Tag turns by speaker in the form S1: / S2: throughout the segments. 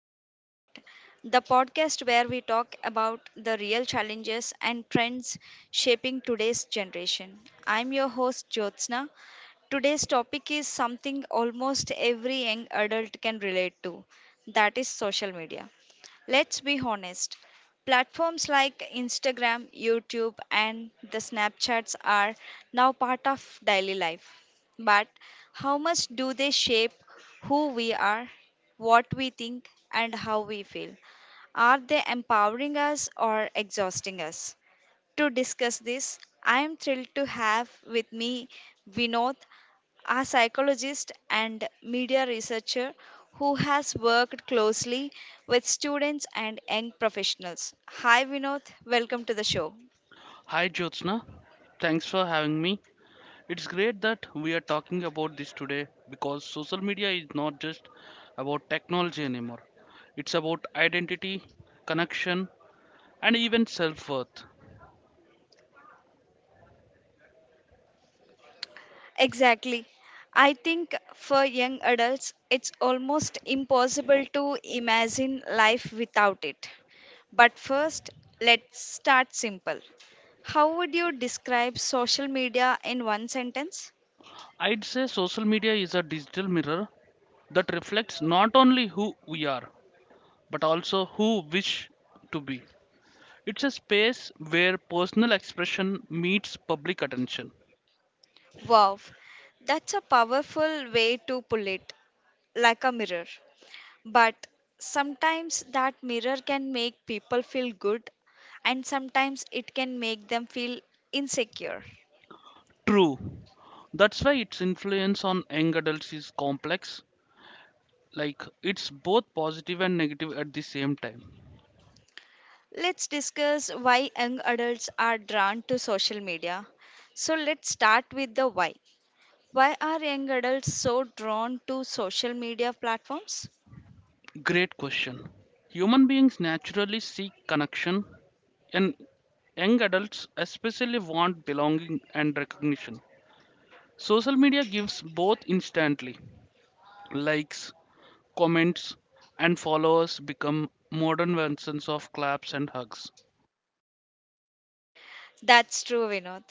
S1: to Youth Connect, the podcast where we talk about the real challenges and trends shaping today's generation. I'm your host, Jyotsna. Today's topic is something almost every young adult can relate to, that is social media. Let's be honest. Platforms like Instagram, YouTube, and the Snapchats are now part of daily life. But how much do they shape who we are, what we think, and how we feel? Are they empowering us or exhausting us? To discuss this, I am thrilled to have with me Vinod, a psychologist and media researcher who has worked closely with students and young professionals. Hi, Vinod. Welcome to the show.
S2: Hi Jyotsna, thanks for having me. It's great that we are talking about this today because social media is not just about technology anymore. It's about identity, connection, and even self worth.
S1: Exactly. I think for young adults, it's almost impossible to imagine life without it. But first, let's start simple. How would you describe social media in one sentence?
S2: I'd say social media is a digital mirror that reflects not only who we are, but also who we wish to be. It's a space where personal expression meets public attention.
S1: Wow, that's a powerful way to pull it, like a mirror. But sometimes that mirror can make people feel good, and sometimes it can make them feel insecure.
S2: True. That's why its influence on young adults is complex. Like, it's both positive and negative at the same time.
S1: Let's discuss why young adults are drawn to social media. So, let's start with the why. Why are young adults so drawn to social media platforms?
S2: Great question. Human beings naturally seek connection, and young adults especially want belonging and recognition. Social media gives both instantly. Likes, comments, and followers become modern versions of claps and hugs.
S1: That's true, Vinod.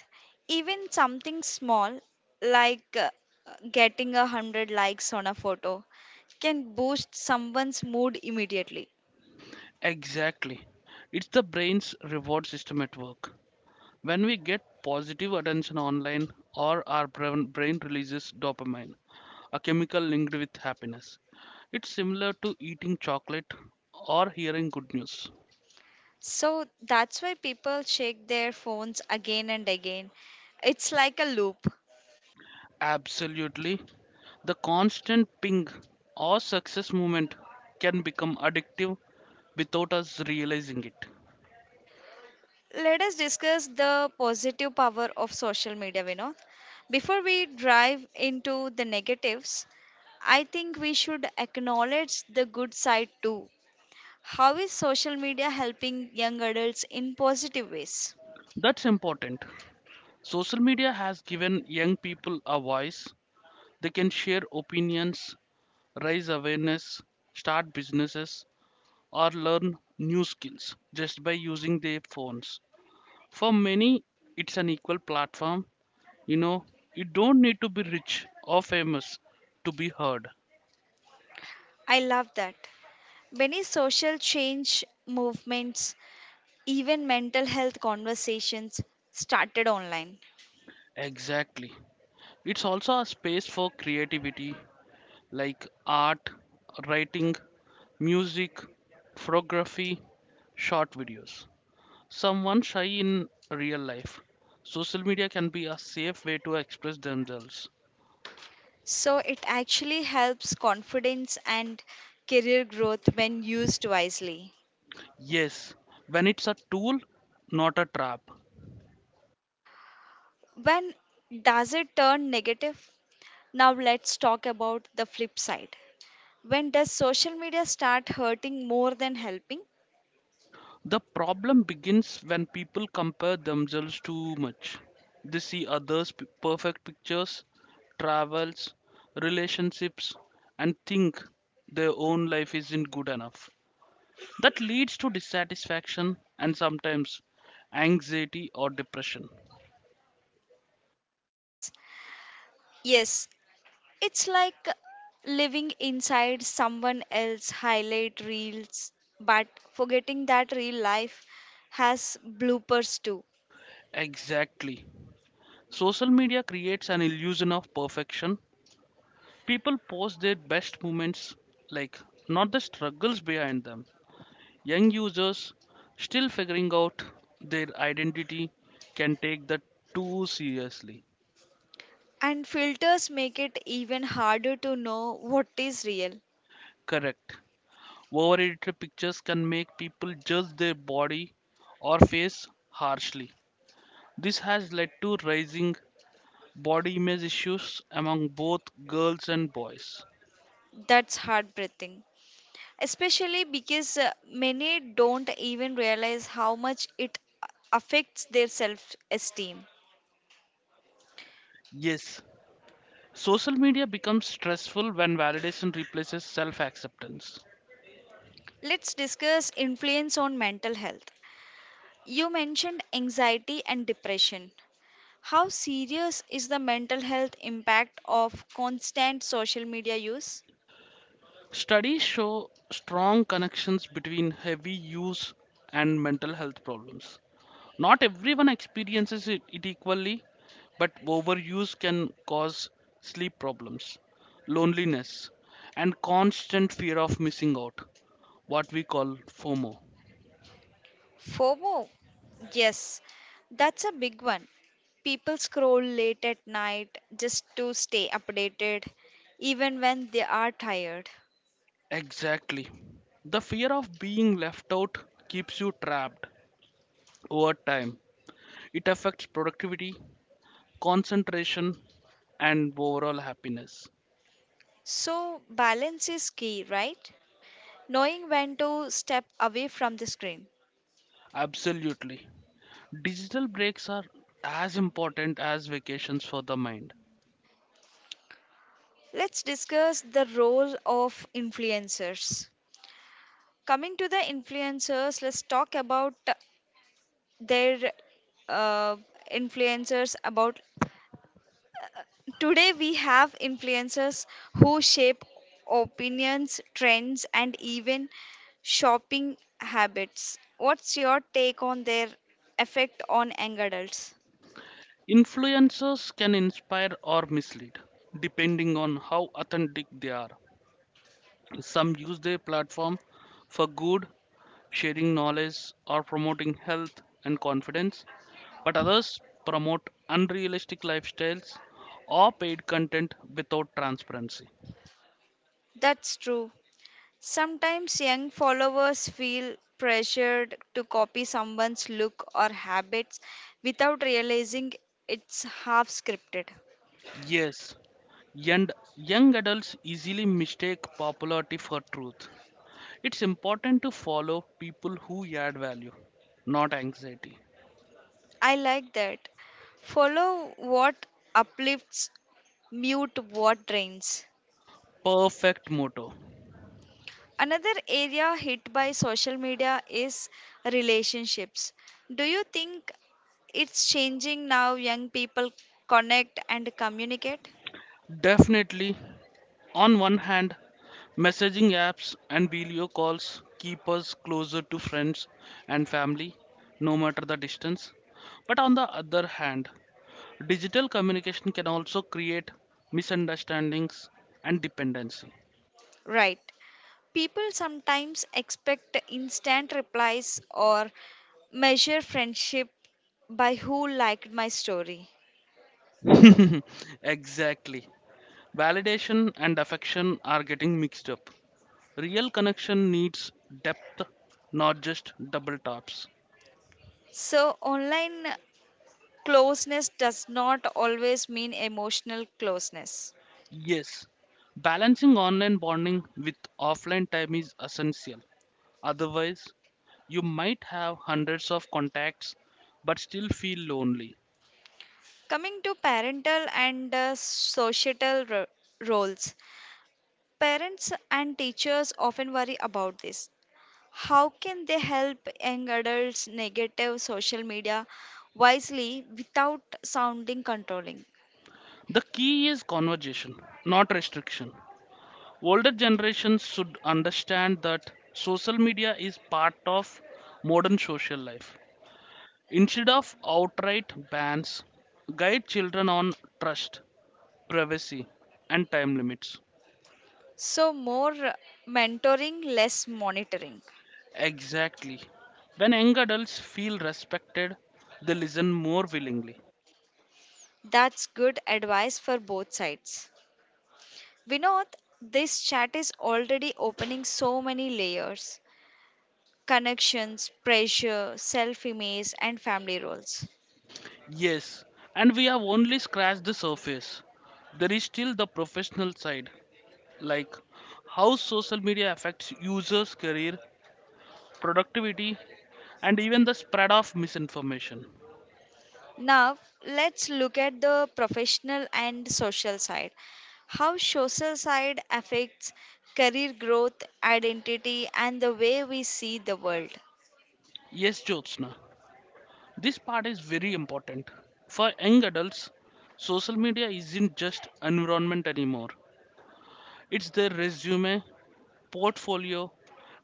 S1: Even something small like getting 100 likes on a photo can boost someone's mood immediately.
S2: Exactly. It's the brain's reward system at work. When we get positive attention online, or our brain releases dopamine, a chemical linked with happiness. It's similar to eating chocolate or hearing good news.
S1: So that's why people shake their phones again and again. It's like a loop.
S2: Absolutely. The constant ping or success moment can become addictive without us realizing it.
S1: Let us discuss the positive power of social media, Vinod. Before we drive into the negatives, I think we should acknowledge the good side too. How is social media helping young adults in positive ways?
S2: That's important. Social media has given young people a voice. They can share opinions, raise awareness, start businesses, or learn new skills just by using their phones. For many, it's an equal platform. You know, you don't need to be rich or famous to be heard.
S1: I love that. Many social change movements, even mental health conversations, started online.
S2: Exactly. It's also a space for creativity like art, writing, music, photography, short videos. Someone shy in real life. Social media can be a safe way to express themselves.
S1: So it actually helps confidence and career growth when used wisely.
S2: Yes, when it's a tool, not a trap.
S1: When does it turn negative? Now let's talk about the flip side. When does social media start hurting more than helping?
S2: The problem begins when people compare themselves too much. They see perfect pictures, travels, relationships, and think their own life isn't good enough. That leads to dissatisfaction and sometimes anxiety or depression.
S1: S- Yes, it's like living inside someone else highlight reels, but forgetting that real life has bloopers too.
S2: Exactly. Social media creates an illusion of perfection. People post their best moments, like not the struggles behind them. Young users still figuring out their identity can take that too seriously.
S1: And filters make it even harder to know what is real.
S2: Correct. Over edited pictures can make people judge their body or face harshly. This has led to rising body image issues among both girls and boys.
S1: That's heartbreaking, especially because many don't even realize how much it affects their self esteem.
S2: Yes, social media becomes stressful when validation replaces self acceptance.
S1: Let's discuss influence on mental health. You mentioned anxiety and depression. How serious is the mental health impact of constant social media use?
S2: Studies show strong connections between heavy use and mental health problems. Not everyone experiences it equally, but overuse can cause sleep problems, loneliness, and constant fear of missing out, what we call FOMO.
S1: FOMO, yes, that's a big one. People scroll late at night just to stay updated, even when they are tired.
S2: Exactly. The fear of being left out keeps you trapped over time. It affects productivity, concentration, and overall happiness.
S1: So, balance is key, right? Knowing when to step away from the screen.
S2: Absolutely. Digital breaks are as important as vacations for the mind.
S1: Let's discuss the role of influencers. Coming to the influencers, let's talk about their uh, influencers about Today we have influencers who shape opinions, trends, and even shopping habits. What's your take on their effect on young adults?
S2: Influencers can inspire or mislead, depending on how authentic they are. Some use their platform for good, sharing knowledge or promoting health and confidence, but others promote unrealistic lifestyles or paid content without transparency.
S1: That's true. Sometimes young followers feel pressured to copy someone's look or habits without realizing it's half scripted.
S2: Yes, young, young adults easily mistake popularity for truth. It's important to follow people who add value, not anxiety.
S1: I like that. Follow what uplifts, mute what drains.
S2: Perfect motto.
S1: Another area hit by social media is relationships. Do you think it's changing now young people connect and communicate?
S2: Definitely, on one hand, messaging apps and video calls keep us closer to friends and family, no matter the distance. But on the other hand, digital communication can also create misunderstandings and dependency.
S1: Right. People sometimes expect instant replies or measure friendship by who liked my story.
S2: Exactly. Validation and affection are getting mixed up. Real connection needs depth, not just double taps.
S1: So, online closeness does not always mean emotional closeness.
S2: Yes, balancing online bonding with offline time is essential. Otherwise, you might have hundreds of contacts but still feel lonely.
S1: Coming to parental and societal roles, parents and teachers often worry about this. How can they help young adults navigate social media wisely without sounding controlling?
S2: The key is conversation, not restriction. Older generations should understand that social media is part of modern social life. Instead of outright bans, guide children on trust, privacy, and time limits.
S1: So, more mentoring, less monitoring.
S2: Exactly. When young adults feel respected, they listen more willingly.
S1: That's good advice for both sides. Vinod, this chat is already opening so many layers: connections, pressure, self image, and family roles.
S2: Yes, and we have only scratched the surface. There is still the professional side, like how social media affects users' career productivity, and even the spread of misinformation.
S1: Now, let's look at the professional and social side. How social side affects career growth, identity, and the way we see the world.
S2: Yes, Jyotsna, this part is very important. For young adults, social media isn't just environment anymore. It's their resume, portfolio,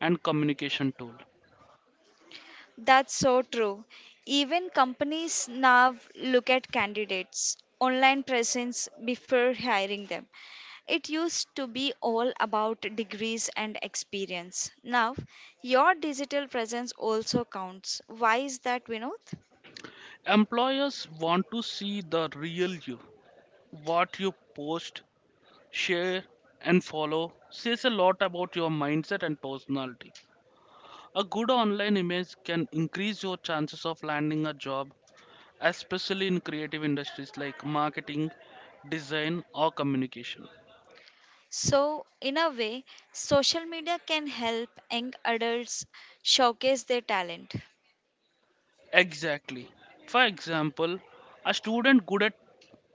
S2: and communication tool.
S1: That's so true. Even companies now look at candidates' online presence before hiring them. It used to be all about degrees and experience. Now, your digital presence also counts. Why is that, Vinod?
S2: Employers want to see the real you. What you post, share, and follow says a lot about your mindset and personality. A good online image can increase your chances of landing a job, especially in creative industries like marketing, design, or communication.
S1: So, in a way, social media can help young adults showcase their talent.
S2: Exactly. For example, a student good at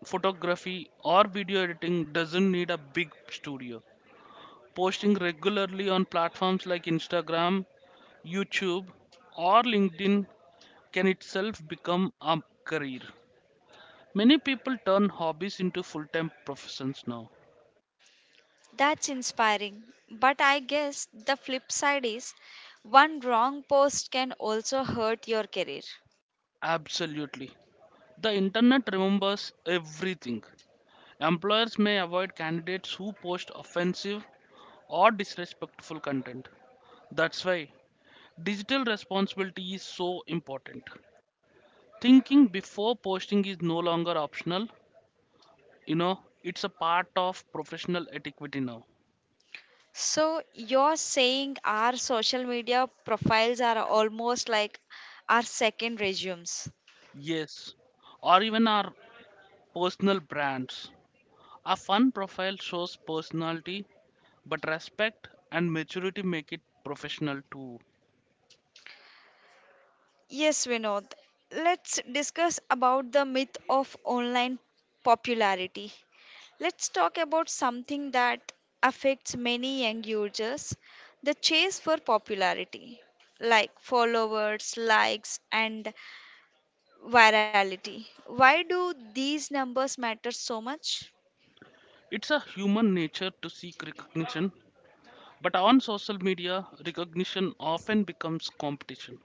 S2: photography or video editing doesn't need a big studio. Posting regularly on platforms like Instagram, YouTube, or LinkedIn can itself become a career. Many people turn hobbies into full time professions now.
S1: That's inspiring. But I guess the flip side is one wrong post can also hurt your career.
S2: Absolutely. The internet remembers everything. Employers may avoid candidates who post offensive or disrespectful content. That's why digital responsibility is so important. Thinking before posting is no longer optional, you know, it's a part of professional etiquette now.
S1: So you're saying our social media profiles are almost like our second resumes.
S2: Yes, or even our personal brands. A fun profile shows personality, but respect and maturity make it professional too.
S1: Yes, Vinod. Let's discuss about the myth of online popularity. Let's talk about something that affects many young users, the chase for popularity, like followers, likes, and virality. Why do these numbers matter so much?
S2: It's a human nature to seek recognition, but on social media, recognition often becomes competition.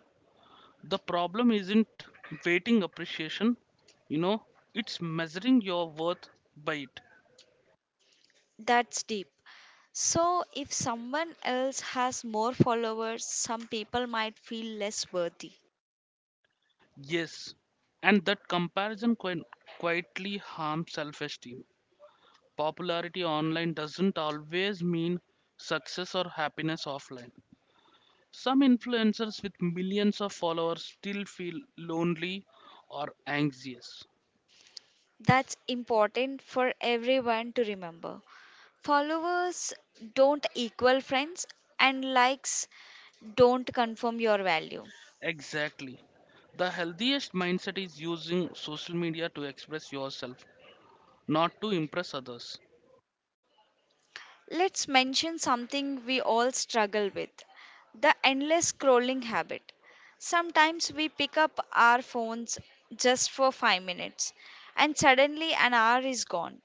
S2: The problem isn't waiting appreciation, you know, it's measuring your worth by it.
S1: That's deep. So, if someone else has more followers, some people might feel less worthy.
S2: Yes, and that comparison quietly harms self esteem. Popularity online doesn't always mean success or happiness offline. Some influencers with millions of followers still feel lonely or anxious.
S1: That's important for everyone to remember. Followers don't equal friends, and likes don't confirm your value.
S2: Exactly. The healthiest mindset is using social media to express yourself, not to impress others.
S1: Let's mention something we all struggle with, the endless scrolling habit. Sometimes we pick up our phones just for 5 minutes and suddenly an hour is gone.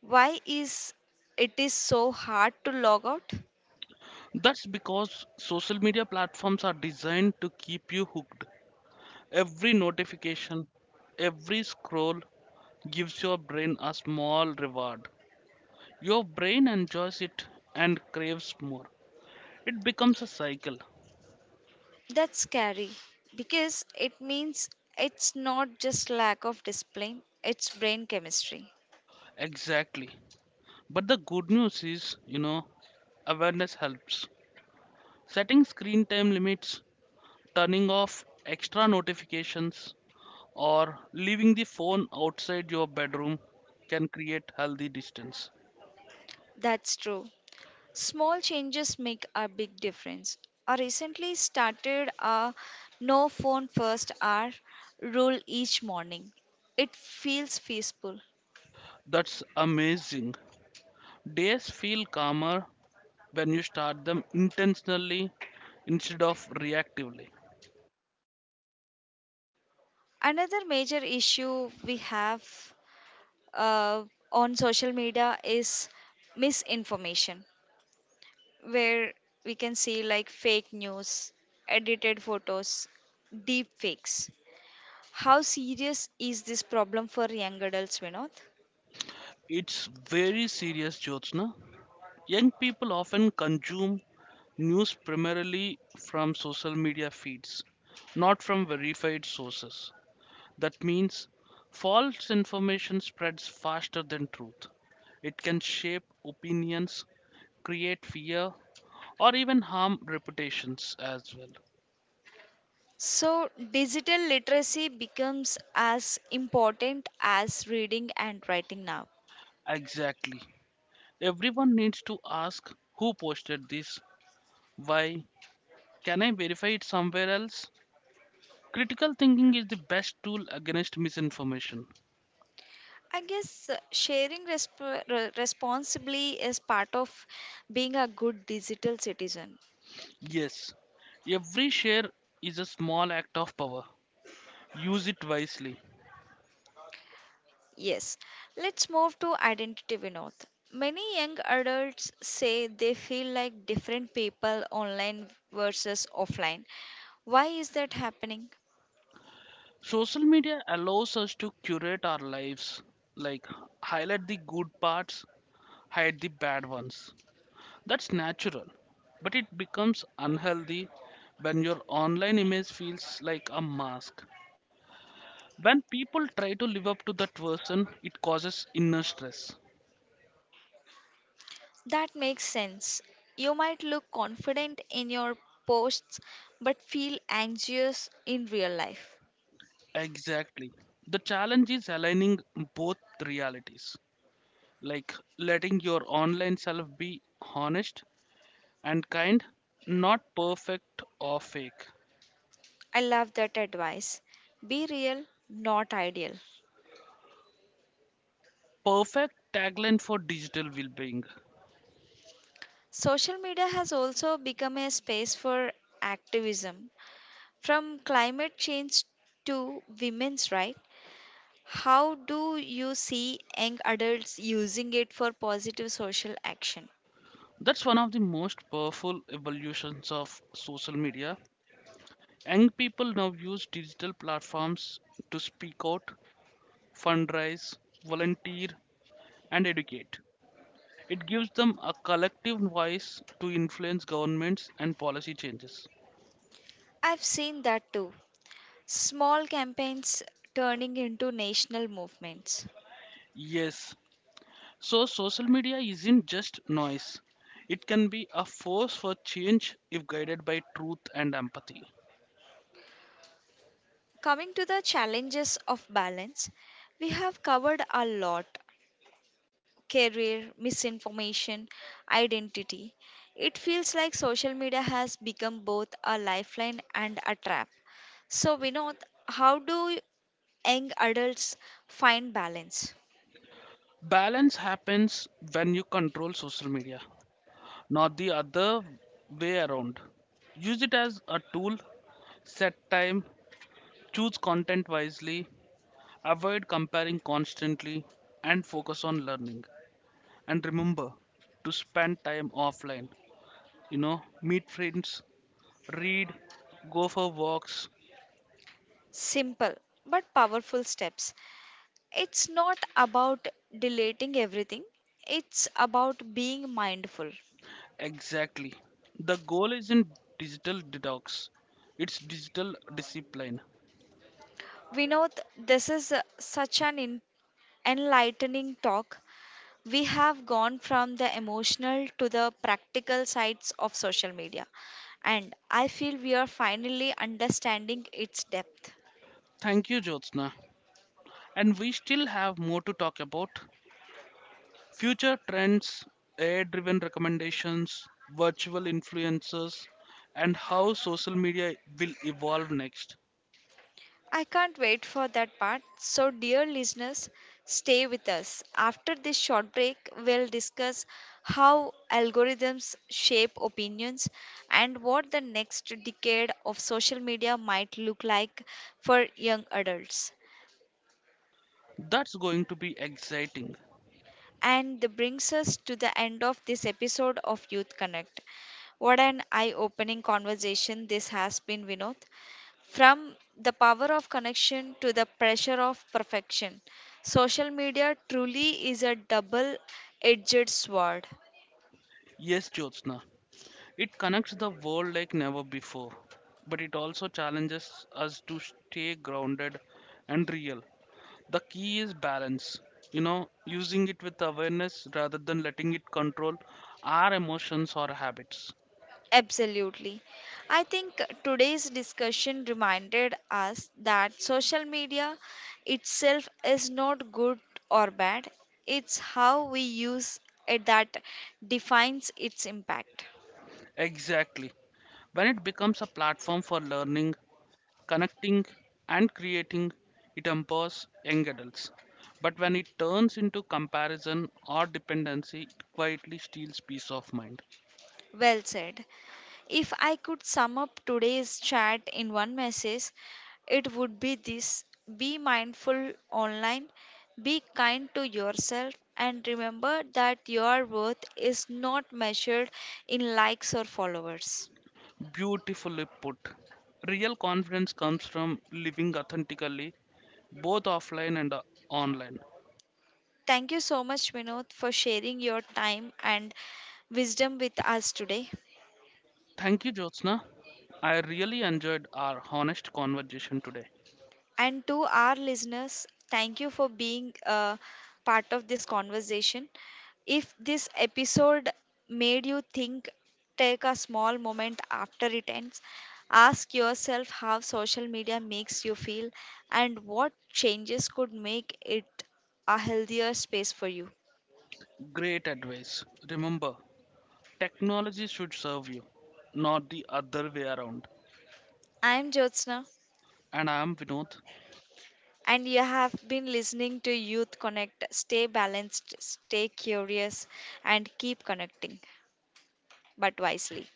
S1: Why is it is so hard to log out?
S2: That's because social media platforms are designed to keep you hooked. Every notification, every scroll gives your brain a small reward. Your brain enjoys it and craves more. It becomes a cycle.
S1: That's scary, because it means it's not just lack of discipline, it's brain chemistry.
S2: Exactly. But the good news is, you know, awareness helps. Setting screen time limits, turning off extra notifications, or leaving the phone outside your bedroom can create healthy distance.
S1: That's true. Small changes make a big difference. I recently started a no phone first hour rule each morning. It feels peaceful.
S2: That's amazing. Days feel calmer when you start them intentionally instead of reactively.
S1: Another major issue we have uh, on social media is misinformation, where we can see like fake news, edited photos, deep fakes. How serious is this problem for young adults, Vinod?
S2: It's very serious, Jyotsna. Young people often consume news primarily from social media feeds, not from verified sources. That means false information spreads faster than truth. It can shape opinions, create fear, or even harm reputations as well.
S1: So, digital literacy becomes as important as reading and writing now.
S2: Exactly. Everyone needs to ask who posted this, why, can I verify it somewhere else? Critical thinking is the best tool against misinformation.
S1: I guess sharing responsibly is part of being a good digital citizen.
S2: Yes, every share is a small act of power. Use it wisely.
S1: Yes, let's move to identity, Vinod. Many young adults say they feel like different people online versus offline. Why is that happening?
S2: Social media allows us to curate our lives, like highlight the good parts, hide the bad ones. That's natural, but it becomes unhealthy when your online image feels like a mask. When people try to live up to that version, it causes inner stress.
S1: That makes sense. You might look confident in your posts but feel anxious in real life.
S2: Exactly. The challenge is aligning both realities, like letting your online self be honest and kind, not perfect or fake.
S1: I love that advice. Be real, not ideal.
S2: Perfect tagline for digital well-being.
S1: Social media has also become a space for activism, from climate change to women's rights. How do you see young adults using it for positive social action?
S2: That's one of the most powerful evolutions of social media. Young people now use digital platforms to speak out, fundraise, volunteer, and educate. It gives them a collective voice to influence governments and policy changes.
S1: I've seen that too. Small campaigns turning into national movements.
S2: Yes, so, social media isn't just noise, it can be a force for change if guided by truth and empathy.
S1: Coming to the challenges of balance, we have covered a lot: career, misinformation, identity. It feels like social media has become both a lifeline and a trap. So, Vinod, how do young adults find balance?
S2: Balance happens when you control social media, not the other way around. Use it as a tool, set time, choose content wisely, avoid comparing constantly, and focus on learning. And remember to spend time offline. You know, meet friends, read, go for walks.
S1: Simple but powerful steps. It's not about deleting everything, it's about being mindful.
S2: Exactly. The goal isn't digital detox, it's digital discipline.
S1: We Vinod, this is such an enlightening talk. We have gone from the emotional to the practical sides of social media, and I feel we are finally understanding its depth.
S2: Thank you, Jyotsna. And we still have more to talk about future trends, AI driven recommendations, virtual influencers, and how social media will evolve next.
S1: I can't wait for that part. So, dear listeners, stay with us. After this short break, we'll discuss how algorithms shape opinions and what the next decade of social media might look like for young adults.
S2: That's going to be exciting.
S1: And that brings us to the end of this episode of Youth Connect. What an eye opening conversation this has been, Vinod. From the power of connection to the pressure of perfection, social media truly is a double edged sword.
S2: Yes, Jyotsna, it connects the world like never before, but it also challenges us to stay grounded and real. The key is balance, you know, using it with awareness rather than letting it control our emotions or habits.
S1: Absolutely. I think today's discussion reminded us that social media itself is not good or bad. It's how we use it that defines its impact.
S2: Exactly. When it becomes a platform for learning, connecting, and creating, it empowers young adults. But when it turns into comparison or dependency, it quietly steals peace of mind.
S1: Well said. If I could sum up today's chat in one message, it would be this: be mindful online, be kind to yourself, and remember that your worth is not measured in likes or followers.
S2: Beautifully put. Real confidence comes from living authentically, both offline and online.
S1: Thank you so much, Vinod, for sharing your time and wisdom with us today.
S2: Thank you, Jyotsna. I really enjoyed our honest conversation today.
S1: And to our listeners, thank you for being a part of this conversation. If this episode made you think, take a small moment after it ends. Ask yourself how social media makes you feel and what changes could make it a healthier space for you.
S2: Great advice. Remember, technology should serve you, not the other way around.
S1: I am Jyotsna,
S2: And I am Vinod.
S1: and you have been listening to Youth Connect. Stay balanced, stay curious, and keep connecting, but wisely.